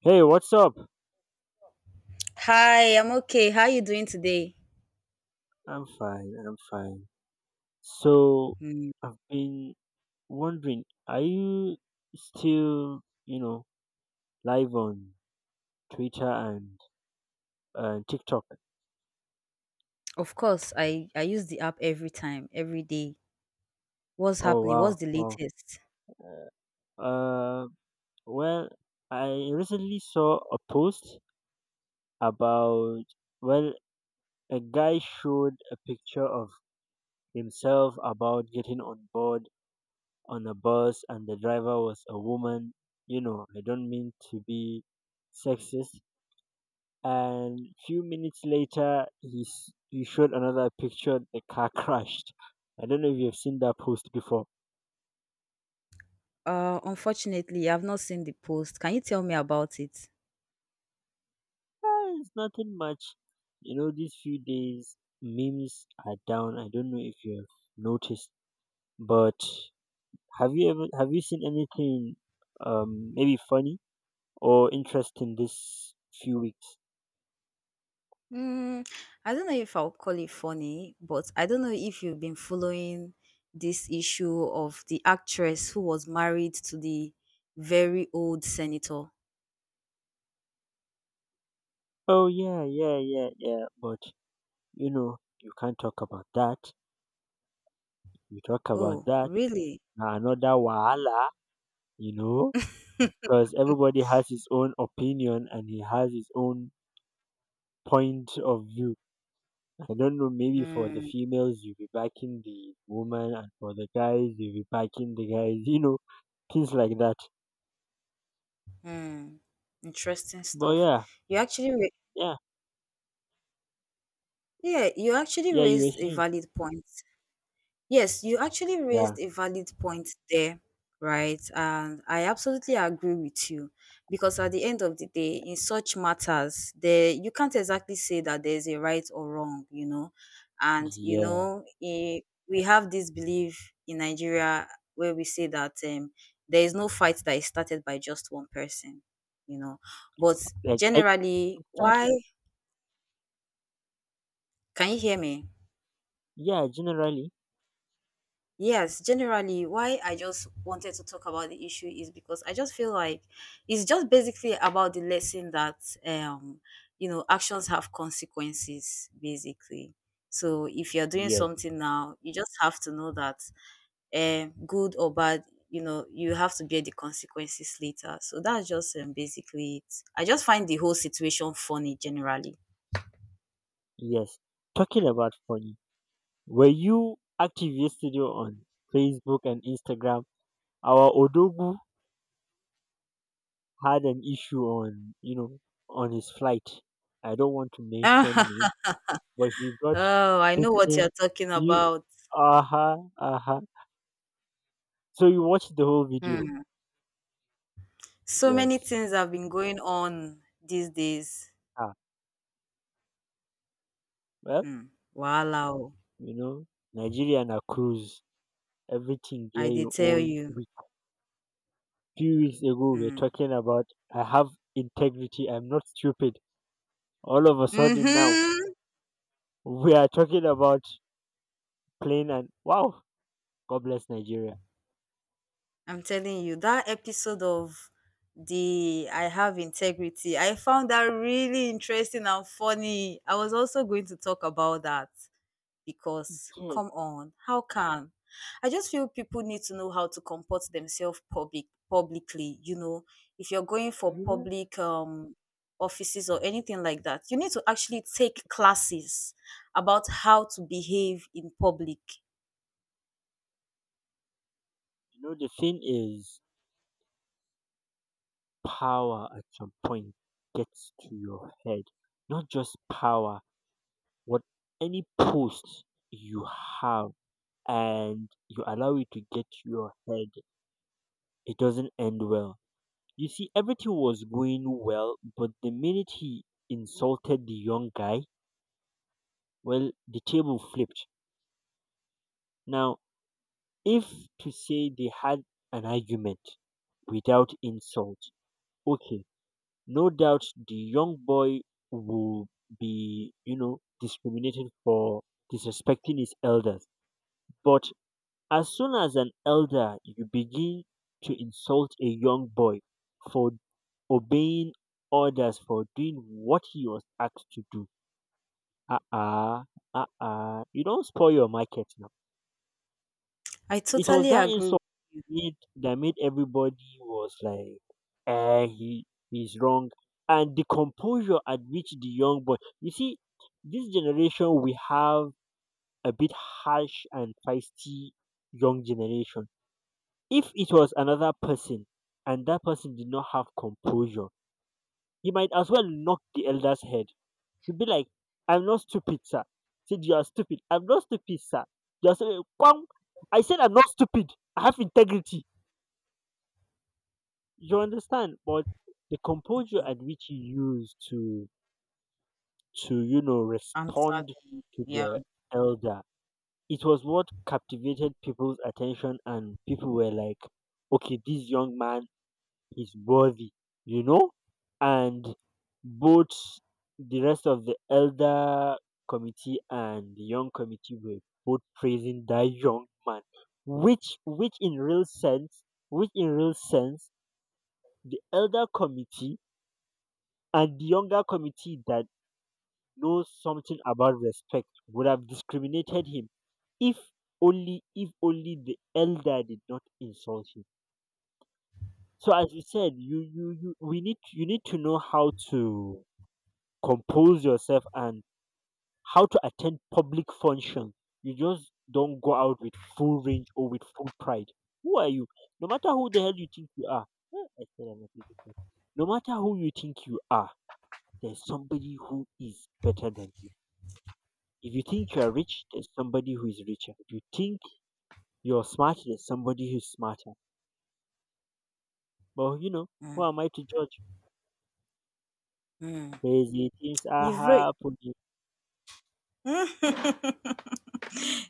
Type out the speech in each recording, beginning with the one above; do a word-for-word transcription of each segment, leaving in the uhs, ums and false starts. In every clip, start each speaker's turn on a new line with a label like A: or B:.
A: Hey, what's up?
B: Hi, I'm okay. How are you doing today?
A: I'm fine, I'm fine. So,
B: Hmm,
A: I've been wondering, are you still, you know, live on Twitter and uh, TikTok?
B: of course, I I use the app every time, every day. What's
A: Oh,
B: happening?
A: wow,
B: What's the
A: wow.
B: latest?
A: Uh, well, I recently saw a post about, well, a guy showed a picture of himself about getting on board on a bus, and the driver was a woman. You know, I don't mean to be sexist, and few minutes later he s- he showed another picture the car crashed. I don't know if you've seen that post before.
B: Uh, unfortunately, I've not seen the post. Can you tell me about it?
A: Ah, it's nothing much. You know these few days memes are down, I don't know if you've noticed, but have you ever have you seen anything um maybe funny or interesting this few weeks?
B: Mm, I don't know if I'll call it funny, but I don't know if you've been following this issue of the actress who was married to the very old senator.
A: Oh, yeah yeah yeah yeah but you know you can't talk about that. You talk about
B: Oh,
A: that,
B: really?
A: na another wahala, you know, because everybody has his own opinion and he has his own point of view. I don't know, maybe for the
B: Mm,
A: females, you'll be backing the woman, and for the guys, you'll be backing the guys, you know, things like that.
B: mm, interesting
A: But
B: stuff.
A: yeah,
B: You actually re-
A: yeah,
B: Yeah, you actually
A: yeah, you were
B: raised a
A: saying,
B: valid point. Yes, you actually
A: yeah,
B: raised a valid point there, right? And I absolutely agree with you because at the end of the day, in such matters, there you can't exactly say that there's a right or wrong, you know. And you
A: yeah,
B: know, eh, we have this belief in Nigeria where we say that um, there is no fight that is started by just one person, you know. But
A: like, I,
B: generally,
A: exactly,
B: why? Can you hear me?
A: yeah, generally,
B: Yes, generally, why I just wanted to talk about the issue is because I just feel like it's just basically about the lesson that um you know actions have consequences basically. So if you're doing
A: yes,
B: something now, you just have to know that um good or bad, you know, you have to bear the consequences later. So that's just um, basically it. I just find the whole situation funny generally.
A: yes. Talking about funny, were you active yesterday on Facebook and Instagram? Our Odogu had an issue on, you know, on his flight. I don't want to mention
B: Oh,
A: name, but he got
B: I know what
A: bitten.
B: you're talking
A: You,
B: about.
A: uh huh, uh huh. So you watched the whole video?
B: Hmm. So many
A: Yes.
B: things have been going on these days.
A: Ah, well,
B: Hmm. Wahala oh,
A: you know, Nigeria and a cruise, everything
B: I
A: there
B: did
A: you
B: tell
A: own.
B: you.
A: We few weeks ago we were
B: Hmm.
A: talking about I have integrity. I'm not stupid. All of a sudden now
B: Mm-hmm.
A: we are talking about plane and wow, God bless Nigeria.
B: I'm telling you, that episode of the I Have Integrity, I found that really interesting and funny. I was also going to talk about that, because
A: Yes,
B: come on, how can? I just feel people need to know how to comport themselves public publicly. You know, if you're going for
A: you know,
B: public um offices or anything like that, you need to actually take classes about how to behave in public.
A: you know the thing is power at some point gets to your head. Not just power, what any post you have and you allow it to get to your head, it doesn't end well. You see, everything was going well, but the minute he insulted the young guy, well, the table flipped. Now, if to say they had an argument without insult, okay, no doubt the young boy will be, you know, discriminated for disrespecting his elders, but as soon as an elder you begin to insult a young boy for obeying orders, for doing what he was asked to do, ah ah, ah ah, you don't spoil your market now.
B: I
A: It was
B: totally
A: that
B: agree
A: insult
B: with
A: made, that made everybody was like, eh, he he's wrong. And the composure at which the young boy, you see, this generation we have a bit harsh and feisty young generation. If it was another person and that person did not have composure, he might as well knock the elder's head. He'd be like, I'm not stupid, sir. Said you are stupid. I'm not stupid, sir. You are stupid. Kwang! I said I'm not stupid. I have integrity. You understand? But the composure at which he used to to you know respond
B: Ansadi.
A: to
B: Yeah.
A: the elder, it was what captivated people's attention, and people were like, "Okay, this young man is worthy," you know. And both the rest of the elder committee and the young committee were both praising that young man, which which in real sense, which in real sense, the elder committee and the younger committee that knows something about respect would have discriminated him if only if only the elder did not insult him. So as you said, you you, you we need, you need to know how to compose yourself and how to attend public function. You just don't go out with full range or with full pride. Who are you? No matter who the hell you think you are. Eh, I said I'm a pretty person. No matter who you think you are, there's somebody who is better than you. If you think you are rich, there's somebody who is richer. If you think you're smart, there's somebody who's smarter. But you know,
B: Mm,
A: who am I to judge?
B: mm.
A: Crazy things are
B: You've read.
A: happening.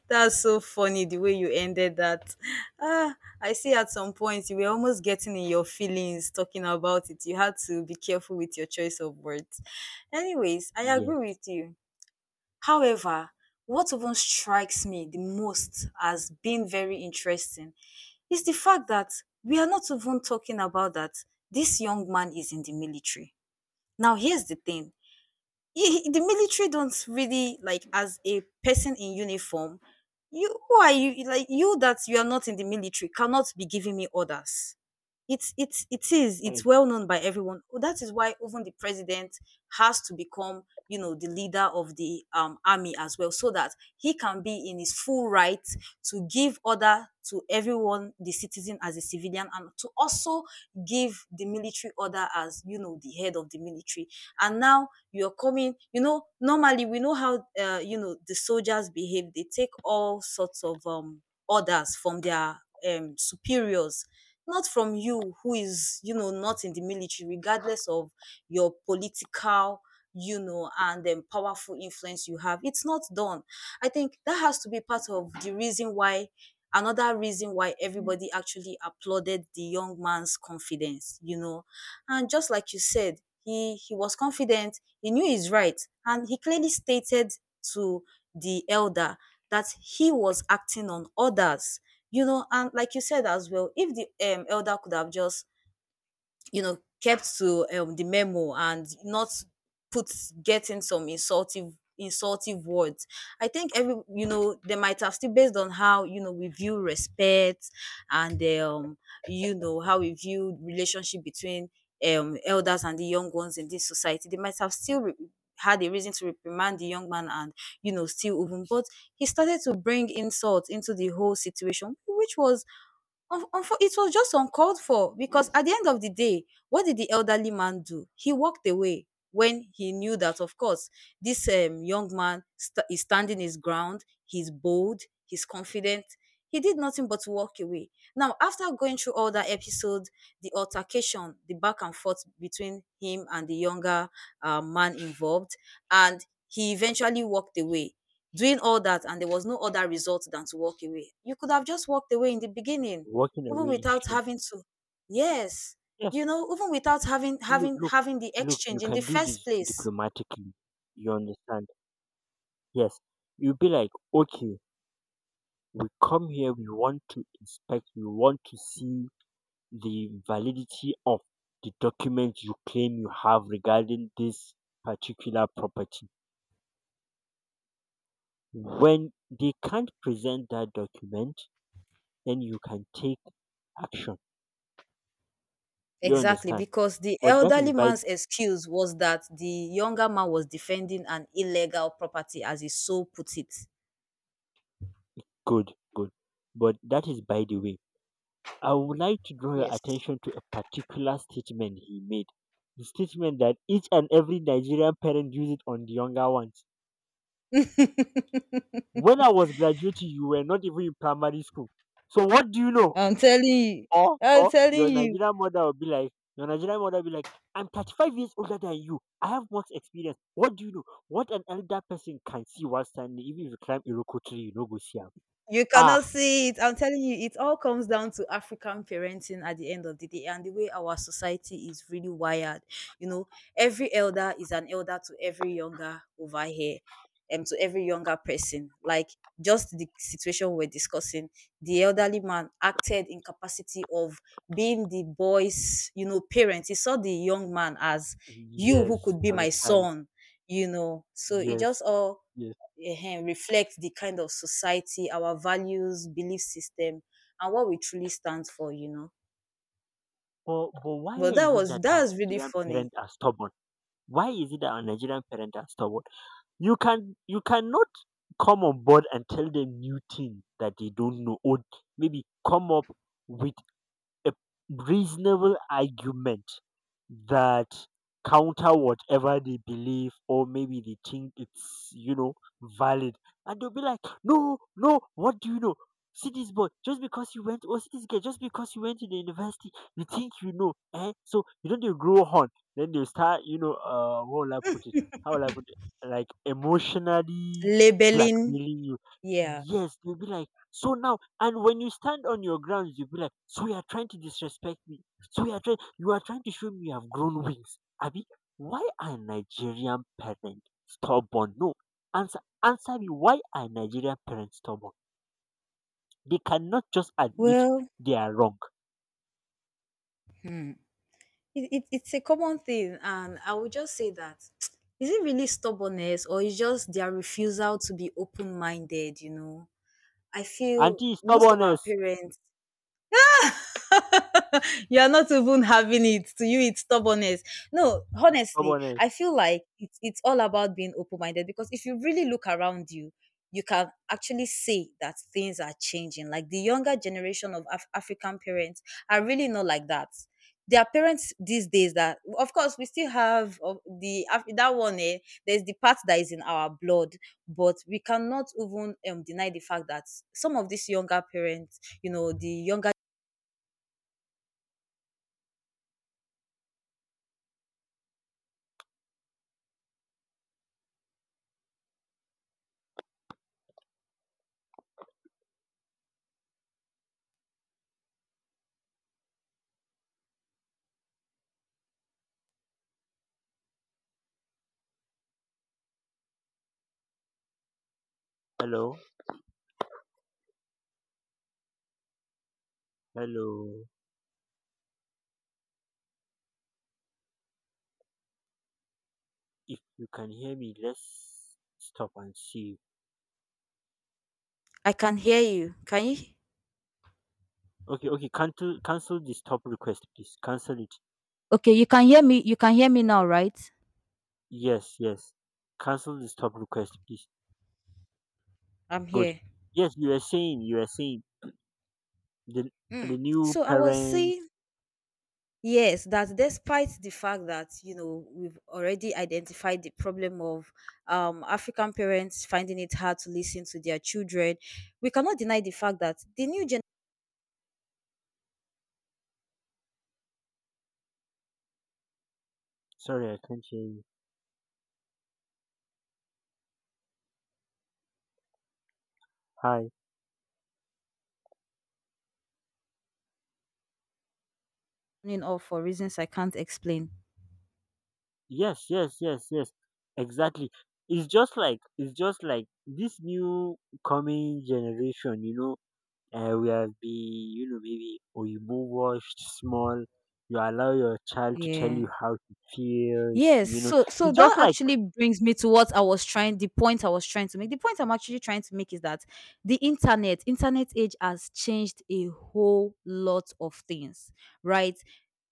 B: That's so funny the way you ended that. Ah, I see at some point you were almost getting in your feelings talking about it. You had to be careful with your choice of words. Anyways, I agree
A: Yes,
B: with you. However, what even strikes me the most as being very interesting is the fact that we are not even talking about that this young man is in the military. Now, here's the thing, y- the military don't really like, as a person in uniform, you who are you like you that you are not in the military cannot be giving me orders. It's it's it is it's
A: and
B: well known by everyone. Oh, that is why even the president has to become, you know, the leader of the um, army as well, so that he can be in his full right to give order to everyone, the citizen as a civilian, and to also give the military order as, you know, the head of the military. And now you're coming, you know, normally we know how, uh, you know, the soldiers behave. They take all sorts of um orders from their um, superiors, not from you who is, you know, not in the military, regardless of your political, you know, and um, powerful influence you have. It's not done. I think that has to be part of the reason why, another reason why everybody actually applauded the young man's confidence, you know. And just like you said, he he was confident, he knew his right, and he clearly stated to the elder that he was acting on orders, you know. And like you said as well, if the um, elder could have just, you know, kept to um, the memo and not put getting some insultive insultive words, I think every, you know, they might have still, based on how, you know, we view respect and um you know how we view relationship between um elders and the young ones in this society, they might have still re- had a reason to reprimand the young man, and you know, still even, but he started to bring insult into the whole situation, which was Unf- unfo- it was just uncalled for. Because at the end of the day, what did the elderly man do? He walked away when he knew that, of course, this um, young man st- is standing his ground, he's bold, he's confident. He did nothing but walk away. Now, after going through all that episode, the altercation, the back and forth between him and the younger uh, man involved, and he eventually walked away doing all that, and there was no other result than to walk away. You could have just walked away in the beginning,
A: walking
B: even
A: away in
B: without
A: shame.
B: having to, yes,
A: Yes,
B: you know, even without having
A: look,
B: having
A: look,
B: having the
A: look. You
B: exchange in the
A: can do
B: first
A: this
B: place.
A: diplomatically. You understand? Yes, you'll be like, okay, we come here. We want to inspect. We want to see the validity of the document you claim you have regarding this particular property. When they can't present that document, then you can take action, you
B: Exactly,
A: understand.
B: because the
A: But that is
B: elderly
A: by
B: man's excuse was that the younger man was defending an illegal property, as he so put it.
A: good good but that is by the way. I would like to draw your
B: Yes.
A: attention to a particular statement he made, the statement that each and every Nigerian parent uses it on the younger ones. When I was graduating you were not even in primary school, so what do you know?
B: I'm telling you.
A: Or
B: I'm
A: or
B: telling
A: your
B: you.
A: Nigerian mother will be like, your Nigerian mother will be like, "I'm thirty-five years older than you. I have much experience. What do you know? What an elder person can see while standing, even if you climb Iroko tree, you no go see am."
B: You cannot
A: Ah,
B: see it. I'm telling you, it all comes down to African parenting at the end of the day and the way our society is really wired. You know, every elder is an elder to every younger over here, and to every younger person. Like, just the situation we're discussing, the elderly man acted in capacity of being the boy's, you know, parent. He saw the young man as, you who
A: yes,
B: could be
A: as a
B: my
A: child,
B: son, you know. So it
A: yes,
B: just all
A: yes.
B: um reflect the kind of society, our values, belief system, and what we truly stand for, you know.
A: But but why
B: But that
A: is it
B: was
A: that
B: that
A: our
B: was really
A: Nigerian
B: funny.
A: parents are stubborn? Why is it that our Nigerian parents are stubborn? You can you cannot come on board and tell them new things that they don't know, or maybe come up with a reasonable argument that counter whatever they believe, or maybe they think it's, you know, valid, and they'll be like, no no, what do you know? See this boy, just because you went, or see this girl, just because you went to the university, you think you know, eh, so you don't dey grow horn. Then they start, you know, uh what will I put it, how will I put it, like emotionally
B: Labeling,
A: blackmailing you.
B: yeah.
A: Yes, they'll be like, so now, and when you stand on your grounds, you'll be like, so you are trying to disrespect me. So you are trying you are trying to show me you have grown wings. Abi, why are Nigerian parents stubborn? No. Answer answer me, why are Nigerian parents stubborn? They cannot just admit
B: Well,
A: they are wrong.
B: hmm, it, it, it's a common thing, and I would just say that is it really stubbornness or is just their refusal to be open minded? You know, I feel
A: Auntie
B: most of our
A: stubbornness.
B: parents. You're not even having it. To you, it's stubbornness. No,
A: It's
B: honestly,
A: stubbornness.
B: I feel like it's it's all about being open minded, because if you really look around you, you can actually see that things are changing. Like the younger generation of Af- African parents are really not like that. Their parents these days, that of course we still have of the Af- that one eh, there's the part that is in our blood, but we cannot even um, deny the fact that some of these younger parents, you know, the younger.
A: Hello. Hello. If you can hear me, let's stop and see.
B: I can hear you. Can you?
A: Okay, okay. Cancel, cancel the stop request, please. Cancel it.
B: Okay, you can hear me. You can hear me now, right?
A: Yes, yes. Cancel the stop request, please.
B: I'm
A: Good.
B: here.
A: Yes, you are saying, you are saying the the
B: Mm.
A: new
B: So I was
A: parents.
B: saying, yes, that despite the fact that, you know, we've already identified the problem of um, African parents finding it hard to listen to their children, we cannot deny the fact that the new generation,
A: Sorry, I can't hear you. Hi.
B: of for reasons I can't explain.
A: Yes, yes, yes, yes. Exactly. It's just like it's just like this new coming generation. You know, uh, we have the, you know, maybe oyibo washed small, you allow your child to tell you
B: Yeah.
A: how he feels,
B: Yes,
A: you know,
B: so so
A: it's
B: that
A: just like,
B: actually brings me to what I was trying the point I was trying to make. The point I'm actually trying to make is that the internet, internet age has changed a whole lot of things, right?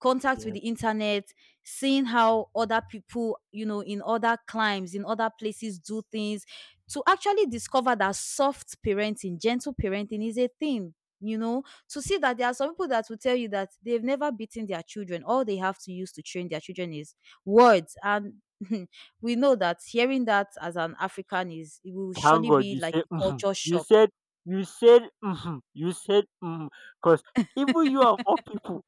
B: Contact with
A: yeah,
B: the internet, seeing how other people, you know, in other climes, in other places do things, to actually discover that soft parenting, gentle parenting is a thing. You know, to see that there are some people that will tell you that they've never beaten their children. All they have to use to train their children is words. And we know that hearing that as an African is, it will
A: thank
B: surely
A: god
B: be
A: you
B: like
A: said
B: a
A: "Mhm."
B: culture
A: you
B: shock.
A: said you said "Mhm." You said because even you of all people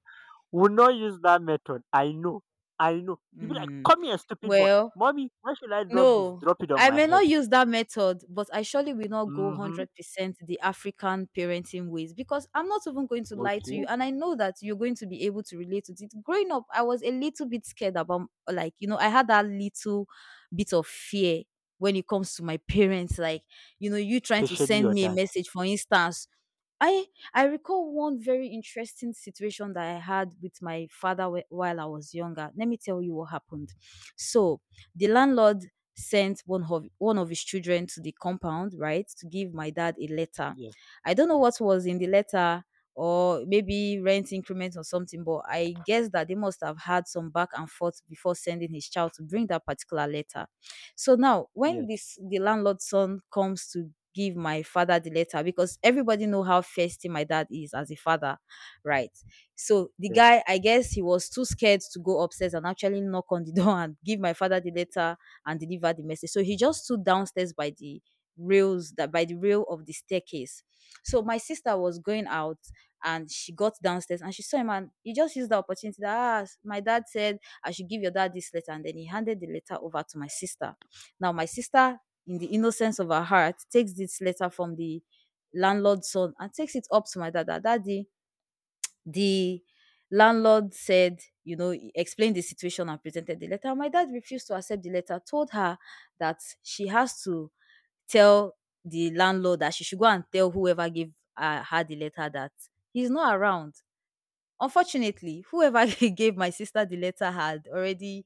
A: will not use that method. I know, i know you be like,
B: Mm.
A: come here stupid boy,
B: Well,
A: mommy why should I drop this,
B: no,
A: drop it on
B: I
A: my
B: may
A: head.
B: not use that method, but I surely will not go
A: Mm-hmm.
B: one hundred percent the African parenting ways, because I'm not even going to lie to you.
A: Okay.
B: And I know that you're going to be able to relate to it. Growing up, I was a little bit scared about, like, you know, I had that little bit of fear when it comes to my parents, like, you know, you trying to
A: Especially your
B: send me a
A: dad,
B: message, for instance, I I recall one very interesting situation that I had with my father whe- while I was younger. Let me tell you what happened. So the landlord sent one of one of his children to the compound, right, to give my dad a letter.
A: yeah,
B: I don't know what was in the letter, or maybe rent increment or something, but I guess that they must have had some back and forth before sending his child to bring that particular letter. So now when
A: yes,
B: this the landlord's son comes to give my father the letter, because everybody know how festy my dad is as a father, right? So the
A: yes.
B: guy, I guess he was too scared to go upstairs and actually knock on the door and give my father the letter and deliver the message. So he just stood downstairs by the rails that by the rail of the staircase. So my sister was going out and she got downstairs and she saw him and he just used the opportunity that ah, s- my dad said I should give your dad this letter, and then he handed the letter over to my sister. Now my sister, in the innocence of her heart, takes this letter from the landlord's son and takes it up to my dad. That daddy, the landlord said, you know, he explained the situation and presented the letter. My dad refused to accept the letter, told her that she has to tell the landlord that she should go and tell whoever gave uh, her the letter that he's not around. Unfortunately, whoever gave my sister the letter had already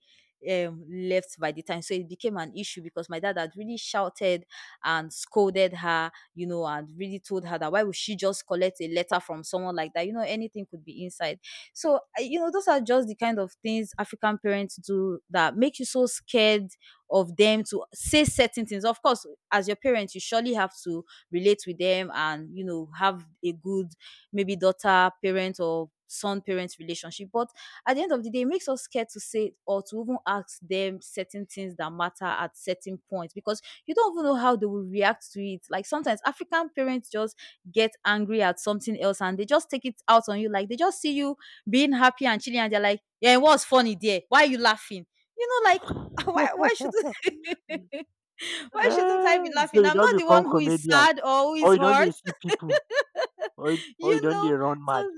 B: um, left by the time. So it became an issue because my dad had really shouted and scolded her, you know, and really told her that why would she just collect a letter from someone like that? You know, anything could be inside. So, I- you know, those are just the kind of things African parents do that make you so scared of them to say certain things. Of course, as your parents, you surely have to relate with them and, you know, have a good maybe daughter parent or son parent relationship. But at the end of the day, it makes us scared to say or to even ask them certain things that matter at certain points because you don't even know how they will react to it. Like sometimes African parents just get angry at something else and they just take it out on you. Like they just see you being happy and chilling and they're like, "Yeah, what's funny there? Why are you laughing?" You know, like why why should why shouldn't I
A: Ah,
B: be
A: so
B: laughing?
A: you
B: I'm
A: don't
B: not the
A: become
B: one who is
A: comedian
B: sad or who
A: or
B: is
A: you don dey
B: hurt.
A: see people, or you or you
B: you
A: don dey
B: know
A: run mad.
B: so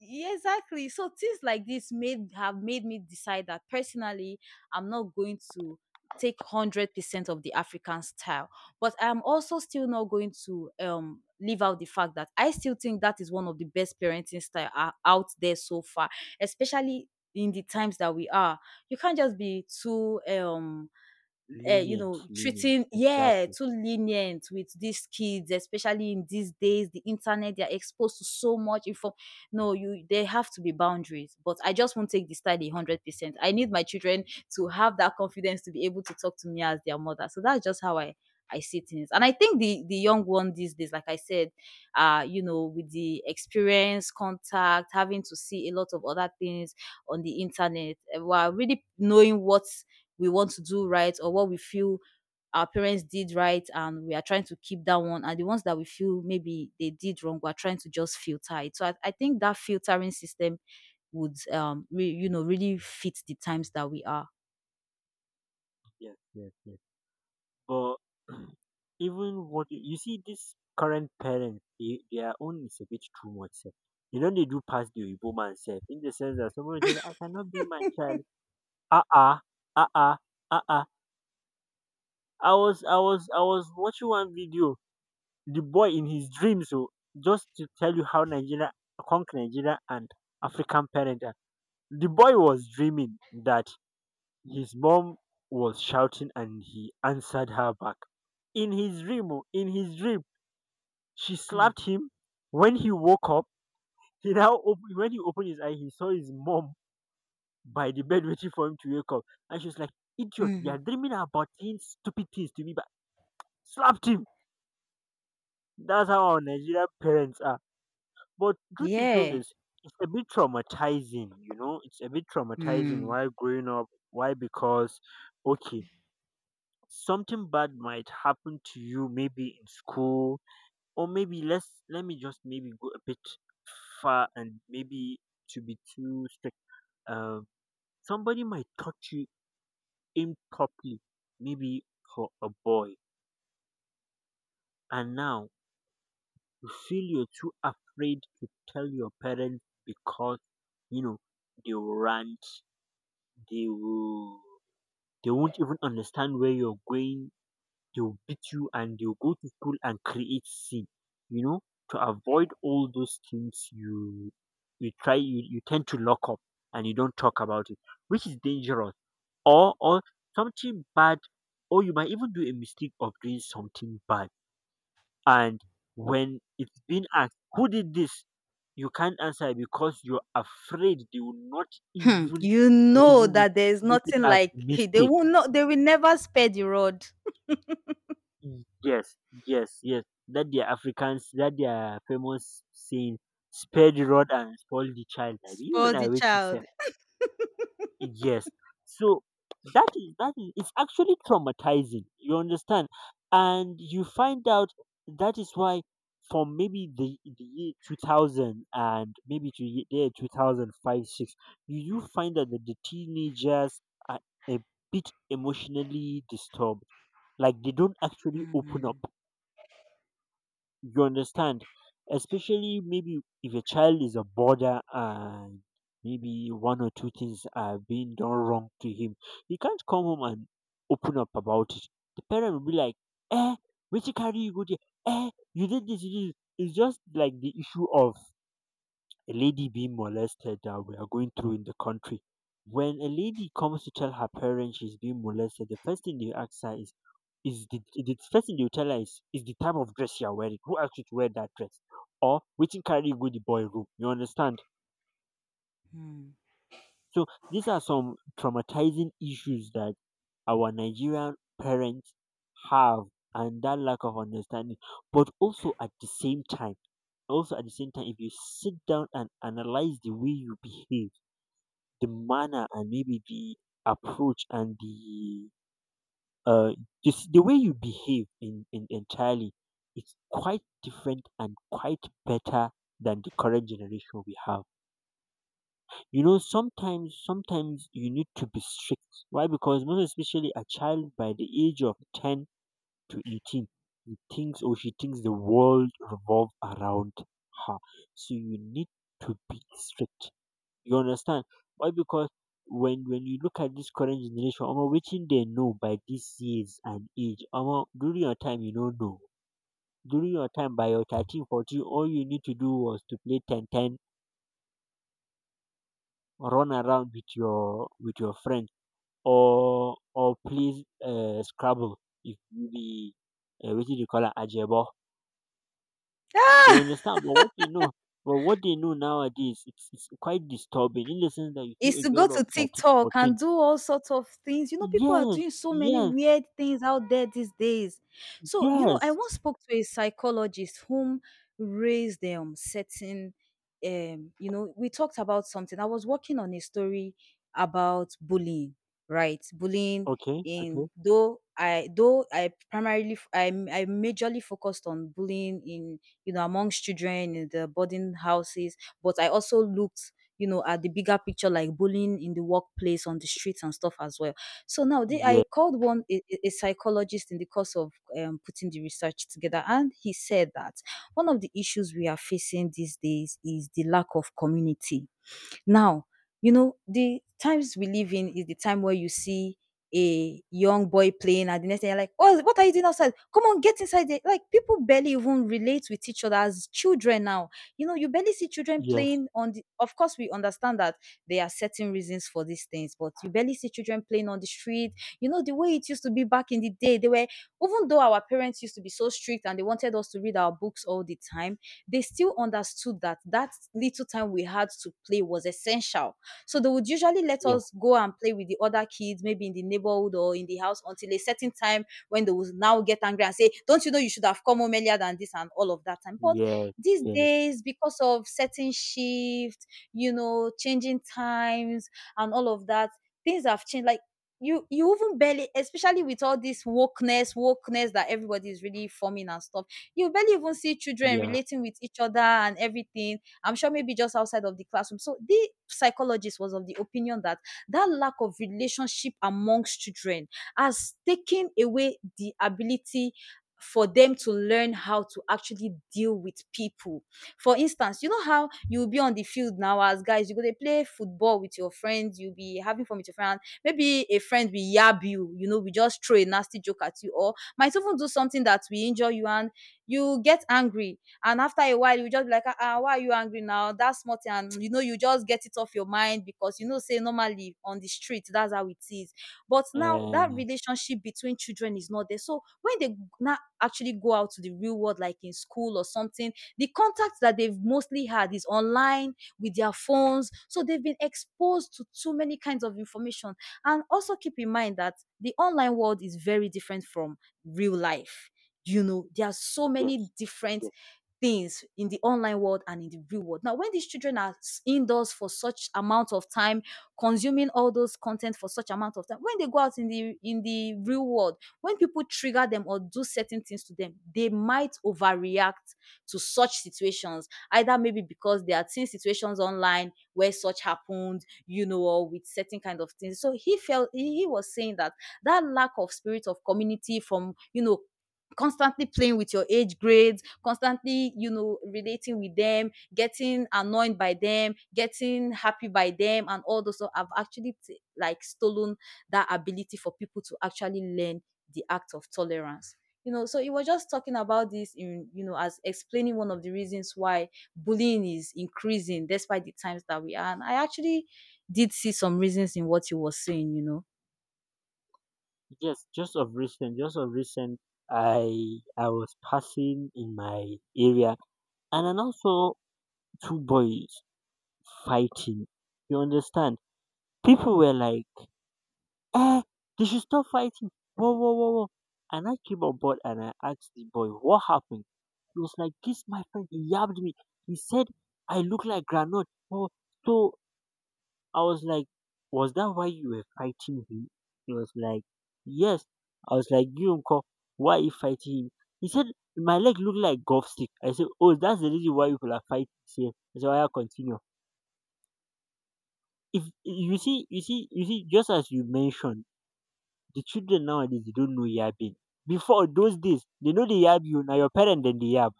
B: yeah, exactly. So things like this made have made me decide that personally I'm not going to take one hundred percent of the African style, but I'm also still not going to um leave out the fact that I still think that is one of the best parenting style uh, out there so far, especially in the times that we are. You can't just be too um uh, you
A: Lenient,
B: know, treating,
A: lenient,
B: yeah,
A: exactly.
B: too lenient with these kids, especially in these days, the internet, they're exposed to so much info. No, you, there have to be boundaries. But I just won't take the study hundred percent. I need my children to have that confidence to be able to talk to me as their mother. So that's just how I I see things. And I think the the young one these days, like I said, uh, you know, with the experience, contact, having to see a lot of other things on the internet, uh, while really knowing what we want to do right or what we feel our parents did right, and we are trying to keep that one, and the ones that we feel maybe they did wrong we're trying to just filter it. So i, I think that filtering system would um re, you know really fit the times that we are.
A: Yes, yes, yes. But even what you you see this current parents, they, their own is a bit too much sef. You know they do pass the oyinbo man sef in the sense that somebody tell you I cannot be my child. Ah ah, ah ah, ah ah. I was I was I was watching one video, the boy in his dreams, so just to tell you how Nigeria, conk Nigeria and African parents are. The boy was dreaming that his mom was shouting and he answered her back. In his dream, oh, in his dream, she
B: Mm.
A: slapped him. When he woke up, he now op- when he opened his eye, he saw his mom by the bed waiting for him to wake up, and she was like, "Idiot, you are
B: Mhm.
A: dreaming about these stupid things to me." But slapped him. That's how our Nigerian parents are. But truth be told
B: Yeah.
A: is it's a bit traumatizing, you know, it's a bit traumatizing
B: Hmm.
A: why growing up, why, because okay, something bad might happen to you maybe in school, or maybe let's let me just maybe go a bit far, and maybe to be too strict. Um somebody might touch you improperly, maybe for a boy. And now you feel you're too afraid to tell your parents because you know they will rant, they will they won't even understand where you're going. They will beat you and they'll go to school and create scene. You know, to avoid all those things, you you try you, you tend to lock up and you don't talk about it, which is dangerous. Or or something bad, or you might even do a mistake of doing something bad, and when it's been asked, who did this? You can't answer because you're afraid they will not
B: Hmm.
A: even
B: You know
A: reason with
B: that
A: you
B: there
A: to
B: is
A: take it
B: nothing
A: as
B: like
A: a
B: they
A: mistake.
B: will not. They will never spare the rod,
A: Yes, yes, yes. That the Africans, that their famous saying, spare the rod and spoil the child. I mean, you
B: spoil
A: and I
B: the
A: waiting, sir.
B: child.
A: Yes. So that is that is it's actually traumatizing. You understand? And you find out that is why from maybe the, the year two thousand and maybe to ye- year two thousand five six, you do find out that the teenagers are a bit emotionally disturbed, like they don't actually open up,
B: Hmm.
A: you understand? Especially maybe if a child is a border and maybe one or two things are being done wrong to him, he can't come home and open up about it. The parent will be like, eh, which carry you go there? Eh, you did this, you did this. It's just like the issue of a lady being molested that we are going through in the country. When a lady comes to tell her parents she's being molested, the first thing they ask her is, is the, the first thing they'll tell her is, is the type of dress you're wearing. Who asked you to wear that dress? Or, which carry you go the boy room. You understand?
B: Hmm.
A: So, these are some traumatizing issues that our Nigerian parents have, and that lack of understanding. But also at the same time, also at the same time, if you sit down and analyze the way you behave, the manner and maybe the approach and the uh just the way you behave in, in entirely, it's quite different and quite better than the current generation we have. You know, sometimes sometimes you need to be strict. Why? Because most especially a child by the age of ten to eighteen, he thinks or she thinks the world revolves around her. So you need to be strict, you understand? Why? Because when when you look at this current generation, omo, wetin they know by this years and age, omo, during your time you no know. During your time by your thirteen, fourteen, all you need to do was to play ten ten, run around with your with your friend, or or play uh, Scrabble if you be uh, wetin they call am ajebo. You understand? But what they know, but what they know nowadays, it's it's quite disturbing in the sense that you see
B: Is
A: a
B: to go
A: girl of
B: to
A: thirteen,
B: TikTok
A: fourteen.
B: and do all sorts of things. You know, people are
A: Yes,
B: doing so many
A: yes.
B: weird things out there these days. So, you know, I
A: Yes.
B: once spoke to a psychologist whom raised um certain um, you know, we talked about something. I was working on a story about bullying, right? Bullying
A: Okay, okay.
B: in, though I though I primarily f- I m- I majorly focused on bullying in, you know amongst children in the boarding houses, but I also looked, you know, at the bigger picture, like bullying in the workplace, on the streets, and stuff as well. So now they,
A: Yeah,
B: I called one a, a a psychologist in the course of um, putting the research together, and he said that one of the issues we are facing these days is the lack of community now. You know, the times we live in is the time where you see a young boy playing and the next thing you're like, "Oh, what are you doing outside? Come on, get inside there." Like people barely even relate with each other as children now. You know, you barely see children
A: yes,
B: playing on the of course we understand that there are certain reasons for these things, but you barely see children playing on the street. You know, the way it used to be back in the day, they were, even though our parents used to be so strict and they wanted us to read our books all the time, they still understood that that little time we had to play was essential. So they would usually let
A: yes,
B: us go and play with the other kids, maybe in the neighborhood or in the house until a certain time when they would now get angry and say, "Don't you know you should have come home earlier than this?" and all of that time. But
A: yes,
B: these
A: yes,
B: days, because of certain shift, you know, changing times and all of that, things have changed. Like you you even barely, especially with all this wokeness wokeness that everybody is really forming and stuff, you barely even see children
A: yeah,
B: relating with each other and everything. I'm sure maybe just outside of the classroom. So the psychologist was of the opinion that that lack of relationship amongst children has taken away the ability for them to learn how to actually deal with people. For instance, you know how you'll be on the field now as guys, you go to play football with your friends, you'll be having fun with your friend. Maybe a friend will yab you, you know, we just throw a nasty joke at you, or might even do something that will injure you, and you get angry. And after a while you just be like, "Ah ah, why are you angry now? That's small thing." And you know you just get it off your mind because you know say normally on the street that's how it is. But now that
A: and
B: relationship between children is not there, so when they now actually go out to the real world, like in school or something, the contact that they've mostly had is online with their phones, so they've been exposed to too many kinds of information. And also keep in mind that the online world is very different from real life. You know, there are so many
A: yes,
B: different
A: yes,
B: things in the online world and in the real world. Now, when these children are indoors for such amount of time, consuming all those content for such amount of time, when they go out in the in the real world, when people trigger them or do certain things to them, they might overreact to such situations. Either maybe because they are seeing situations online where such happened, you know, or with certain kind of things. So he felt he, he was saying that that lack of spirit of community from, you know, constantly playing with your age grades, constantly, you know, relating with them, getting annoyed by them, getting happy by them, and all those. So I've actually t- like stolen that ability for people to actually learn the act of tolerance. You know, so he was just talking about this in, you know, as explaining one of the reasons why bullying is increasing despite the times that we are. And I actually did see some reasons in what he was saying, you know.
A: yes. Just of recent, just of recent, I I was passing in my area, and then also two boys fighting. You understand? People were like, eh, they should stop fighting. Whoa, whoa, whoa, whoa. And I came on board and I asked the boy, what happened? He was like, this my friend, he yabbed me. He said, I look like granite. Oh, so I was like, was that why you were fighting him? He was like, yes. I was like, you uncle, why are you fighting him? He said, my leg look like golf stick. I said, oh, that's the reason why you people are fighting. He said, I said, "Oya, continue." If you see, you see, you see, just as you mentioned, the children nowadays they don't know yabbing. Before those days, they know they yab you. Now your parent then they yab.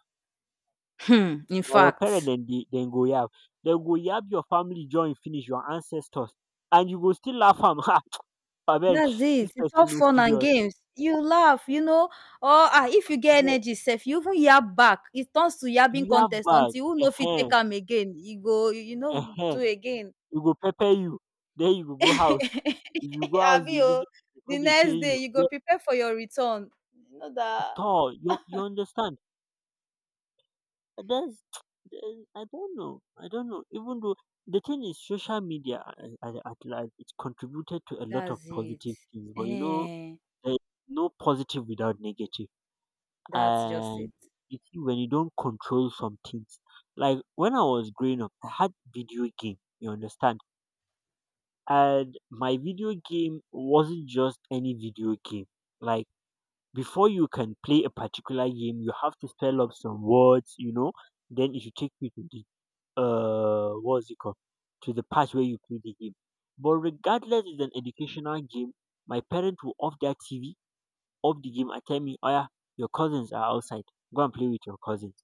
B: Hmm, in
A: Now your parent
B: fact.
A: then they then go yab. They go yab your family join finish, your ancestors, and you go still laugh am ha! Abeg,
B: That's
A: this
B: it. It's
A: person
B: all
A: no
B: fun and
A: serious.
B: games. You laugh, you know, or ah, if you get
A: But
B: energy self, you even yab back. It turns to
A: you
B: yabbing
A: yab
B: contest
A: back,
B: until who know if you
A: ehen,
B: take am again. You go, you you know, do
A: ehen,
B: again.
A: you go pepper you. Then you go go house. If you go house
B: Abi
A: they
B: o,
A: listen
B: the
A: when they pay
B: next day
A: you.
B: you go
A: Yes,
B: prepare for your return. You know that.
A: tall. you you understand. That's the I don't know. I don't know. Even though the thing is, social media a- at large, it's contributed to a lot of
B: That's it.
A: positive things, but you know,
B: Eh,
A: there's no positive without negative.
B: that's just it.
A: And you see, when you don't control some things, like when I was growing up, I had video game. You understand? And my video game wasn't just any video game. Like before you can play a particular game, you have to spell up some words. You know, then it should take you to the uh what's it called, to the part where you play the game. But regardless it's an educational game, my parents will off their T V, off the game and tell me, oh yeah, your cousins are outside. Go and play with your cousins.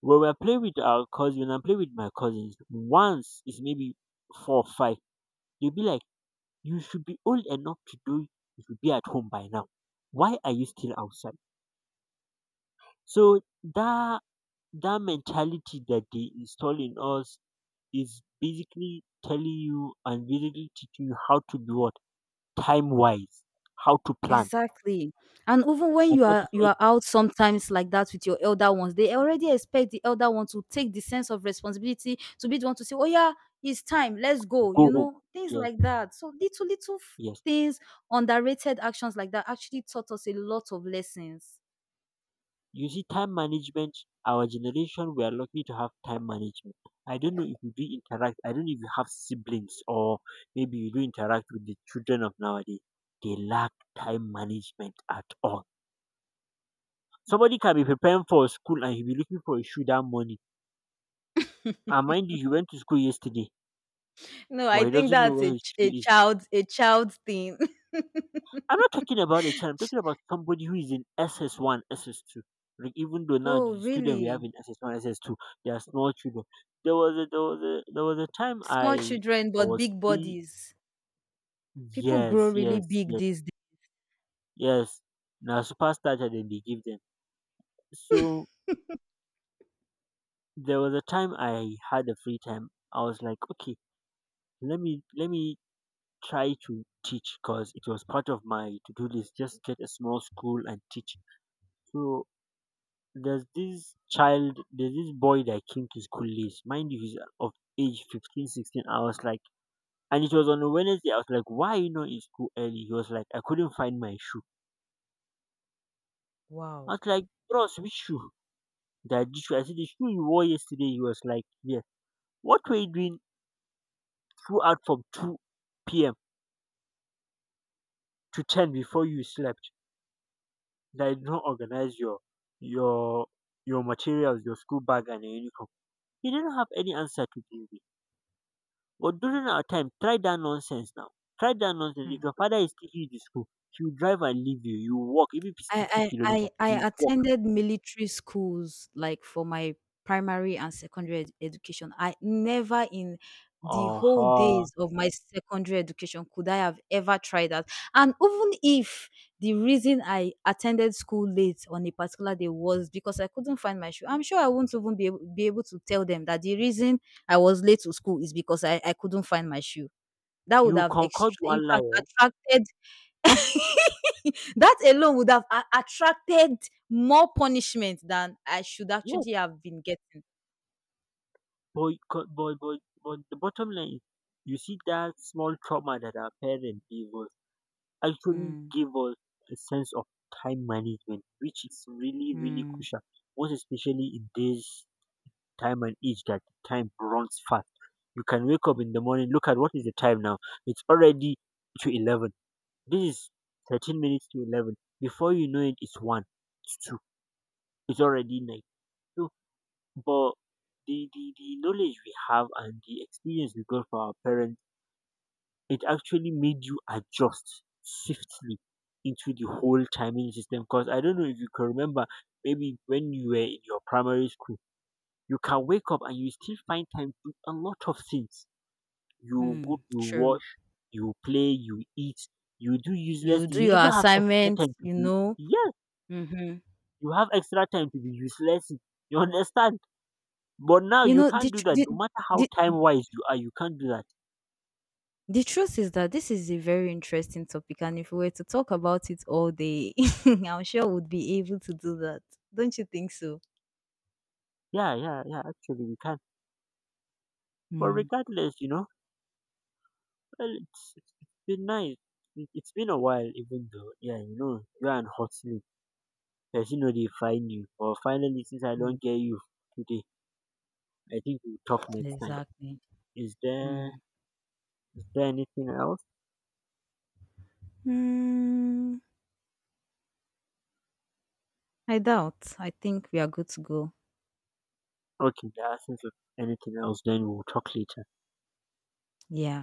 A: When we are playing with our cousins when I'm playing with my cousins, once is maybe four or five, they'll be like, You should be old enough to do you should be at home by now. Why are you still outside? So that that mentality that they install in us is basically telling you and basically teaching you how to be what, time wise, how to plan,
B: Exactly. And even when
A: and
B: you
A: that is
B: are
A: why
B: you are out sometimes like that with your elder ones, they already expect the elder one to take the sense of responsibility to be the one to say, "Oh yeah, it's time, let's
A: you
B: go,"
A: go
B: you
A: home.
B: know, things
A: Yes,
B: like that. So little little f-
A: yes.
B: things, underrated actions like that actually taught us a lot of lessons.
A: You see, time management. Our generation, we are lucky to have time management. I don't know if you do interact. I don't know if you have siblings or maybe you do interact with the children of nowadays. They lack time management at all. Somebody can be preparing for school and he'll be looking for a shoe that morning. And mind you, he went to school yesterday,
B: No,
A: but
B: I
A: he
B: think
A: doesn't know
B: that's
A: where
B: a,
A: his
B: ch-
A: shoe
B: a
A: is.
B: child a child thing.
A: I'm not talking about a child. I'm talking about somebody who is in S S one, S S two. Like even though now
B: Oh,
A: the student we have
B: really?
A: in S S one, S S two, they are small children. There was a there was a there was a time
B: Small
A: I
B: children
A: I
B: but
A: was
B: big
A: free.
B: bodies. People grow
A: Yes,
B: really
A: yes,
B: big
A: yes,
B: these days.
A: yes. Now superstarter then they give them. So there was a time I had a free time. I was like, okay, let me let me try to teach because it was part of my to do list. Just get a small school and teach. So there's this child, there's this boy that came to school late. Mind you, he's of age fifteen, sixteen. I was like, and it was on a Wednesday. I was like, why are you not in school early? He was like, I couldn't find my shoe. I
B: Wow.
A: was like, bros, which shoe? That this shoe. I said, the shoe you wore yesterday. He was like, yeah. What were you doing throughout from two p m to ten before you slept? That you did not organize your, your, your materials, your school bag and your uniform. He didn't have any answer to give me. But during our time, try that nonsense now. Try that nonsense. If
B: Hmm.
A: your father is taking you to school, he will drive and leave you. You walk, even if it's
B: I
A: fifty
B: I
A: kilometers,
B: I
A: you
B: I
A: walk.
B: attended military schools, like, for my primary and secondary ed education. I never in the
A: Uh
B: whole
A: huh.
B: days of my secondary education could I have ever tried that. And even if the reason I attended school late on a particular day was because I couldn't find my shoe, I'm sure I won't even be able be able to tell them that the reason I was late to school is because I I couldn't find my shoe. That would
A: You
B: have extra
A: concord
B: in
A: one lie.
B: fact
A: Eh?
B: attracted That alone would have a attracted more punishment than I should
A: Yes,
B: actually have been getting.
A: but, you but, but, but the bottom line is, you see that small trauma that our parents gave us actually
B: Mm,
A: gave us a sense of time management, which is really, really
B: mm,
A: crucial, most especially in this time and eat that time runs fast. You can wake up in the morning, look at what is the time now. It's already to eleven. This is thirteen minutes to eleven. Before you know it, it's one, it's two, it's already night. So, but the, the, the knowledge we have and the experience we got from our parents, it actually made you adjust swiftly into the whole timing system. Because I don't know if you can remember, maybe when you were in your primary school, you can wake up and you still find time to do a lot of things. You go,
B: mm,
A: you
B: true.
A: wash, you play, you eat, you do useless
B: You
A: thing.
B: do
A: You
B: your
A: even have
B: assignment,
A: extra time to
B: you
A: be
B: know.
A: yes,
B: Mhm.
A: you have extra time to be useless. You understand? But now
B: You
A: you
B: know, the,
A: can't do
B: tr-
A: that.
B: the,
A: No matter how
B: the,
A: time wise you are, you can't do that.
B: the truth is that this is a very interesting topic, and if we were to talk about it all day, I'm sure we'd be able to do that. Don't you think so?
A: Yeah, yeah, yeah. Actually, you can. But
B: Mm,
A: regardless, you know, well, it's, it's it's been nice. It- It's been a while, even though, yeah, you know, you're an hustling. Person know they find you. Or finally, since I
B: mm,
A: don't get you today, I think we'll talk next time.
B: exactly.
A: Is there
B: Mm.
A: is there anything else?
B: Mm, I doubt. I think we are good to go.
A: Okay, there isn't anything else. Then we'll talk later.
B: Yeah.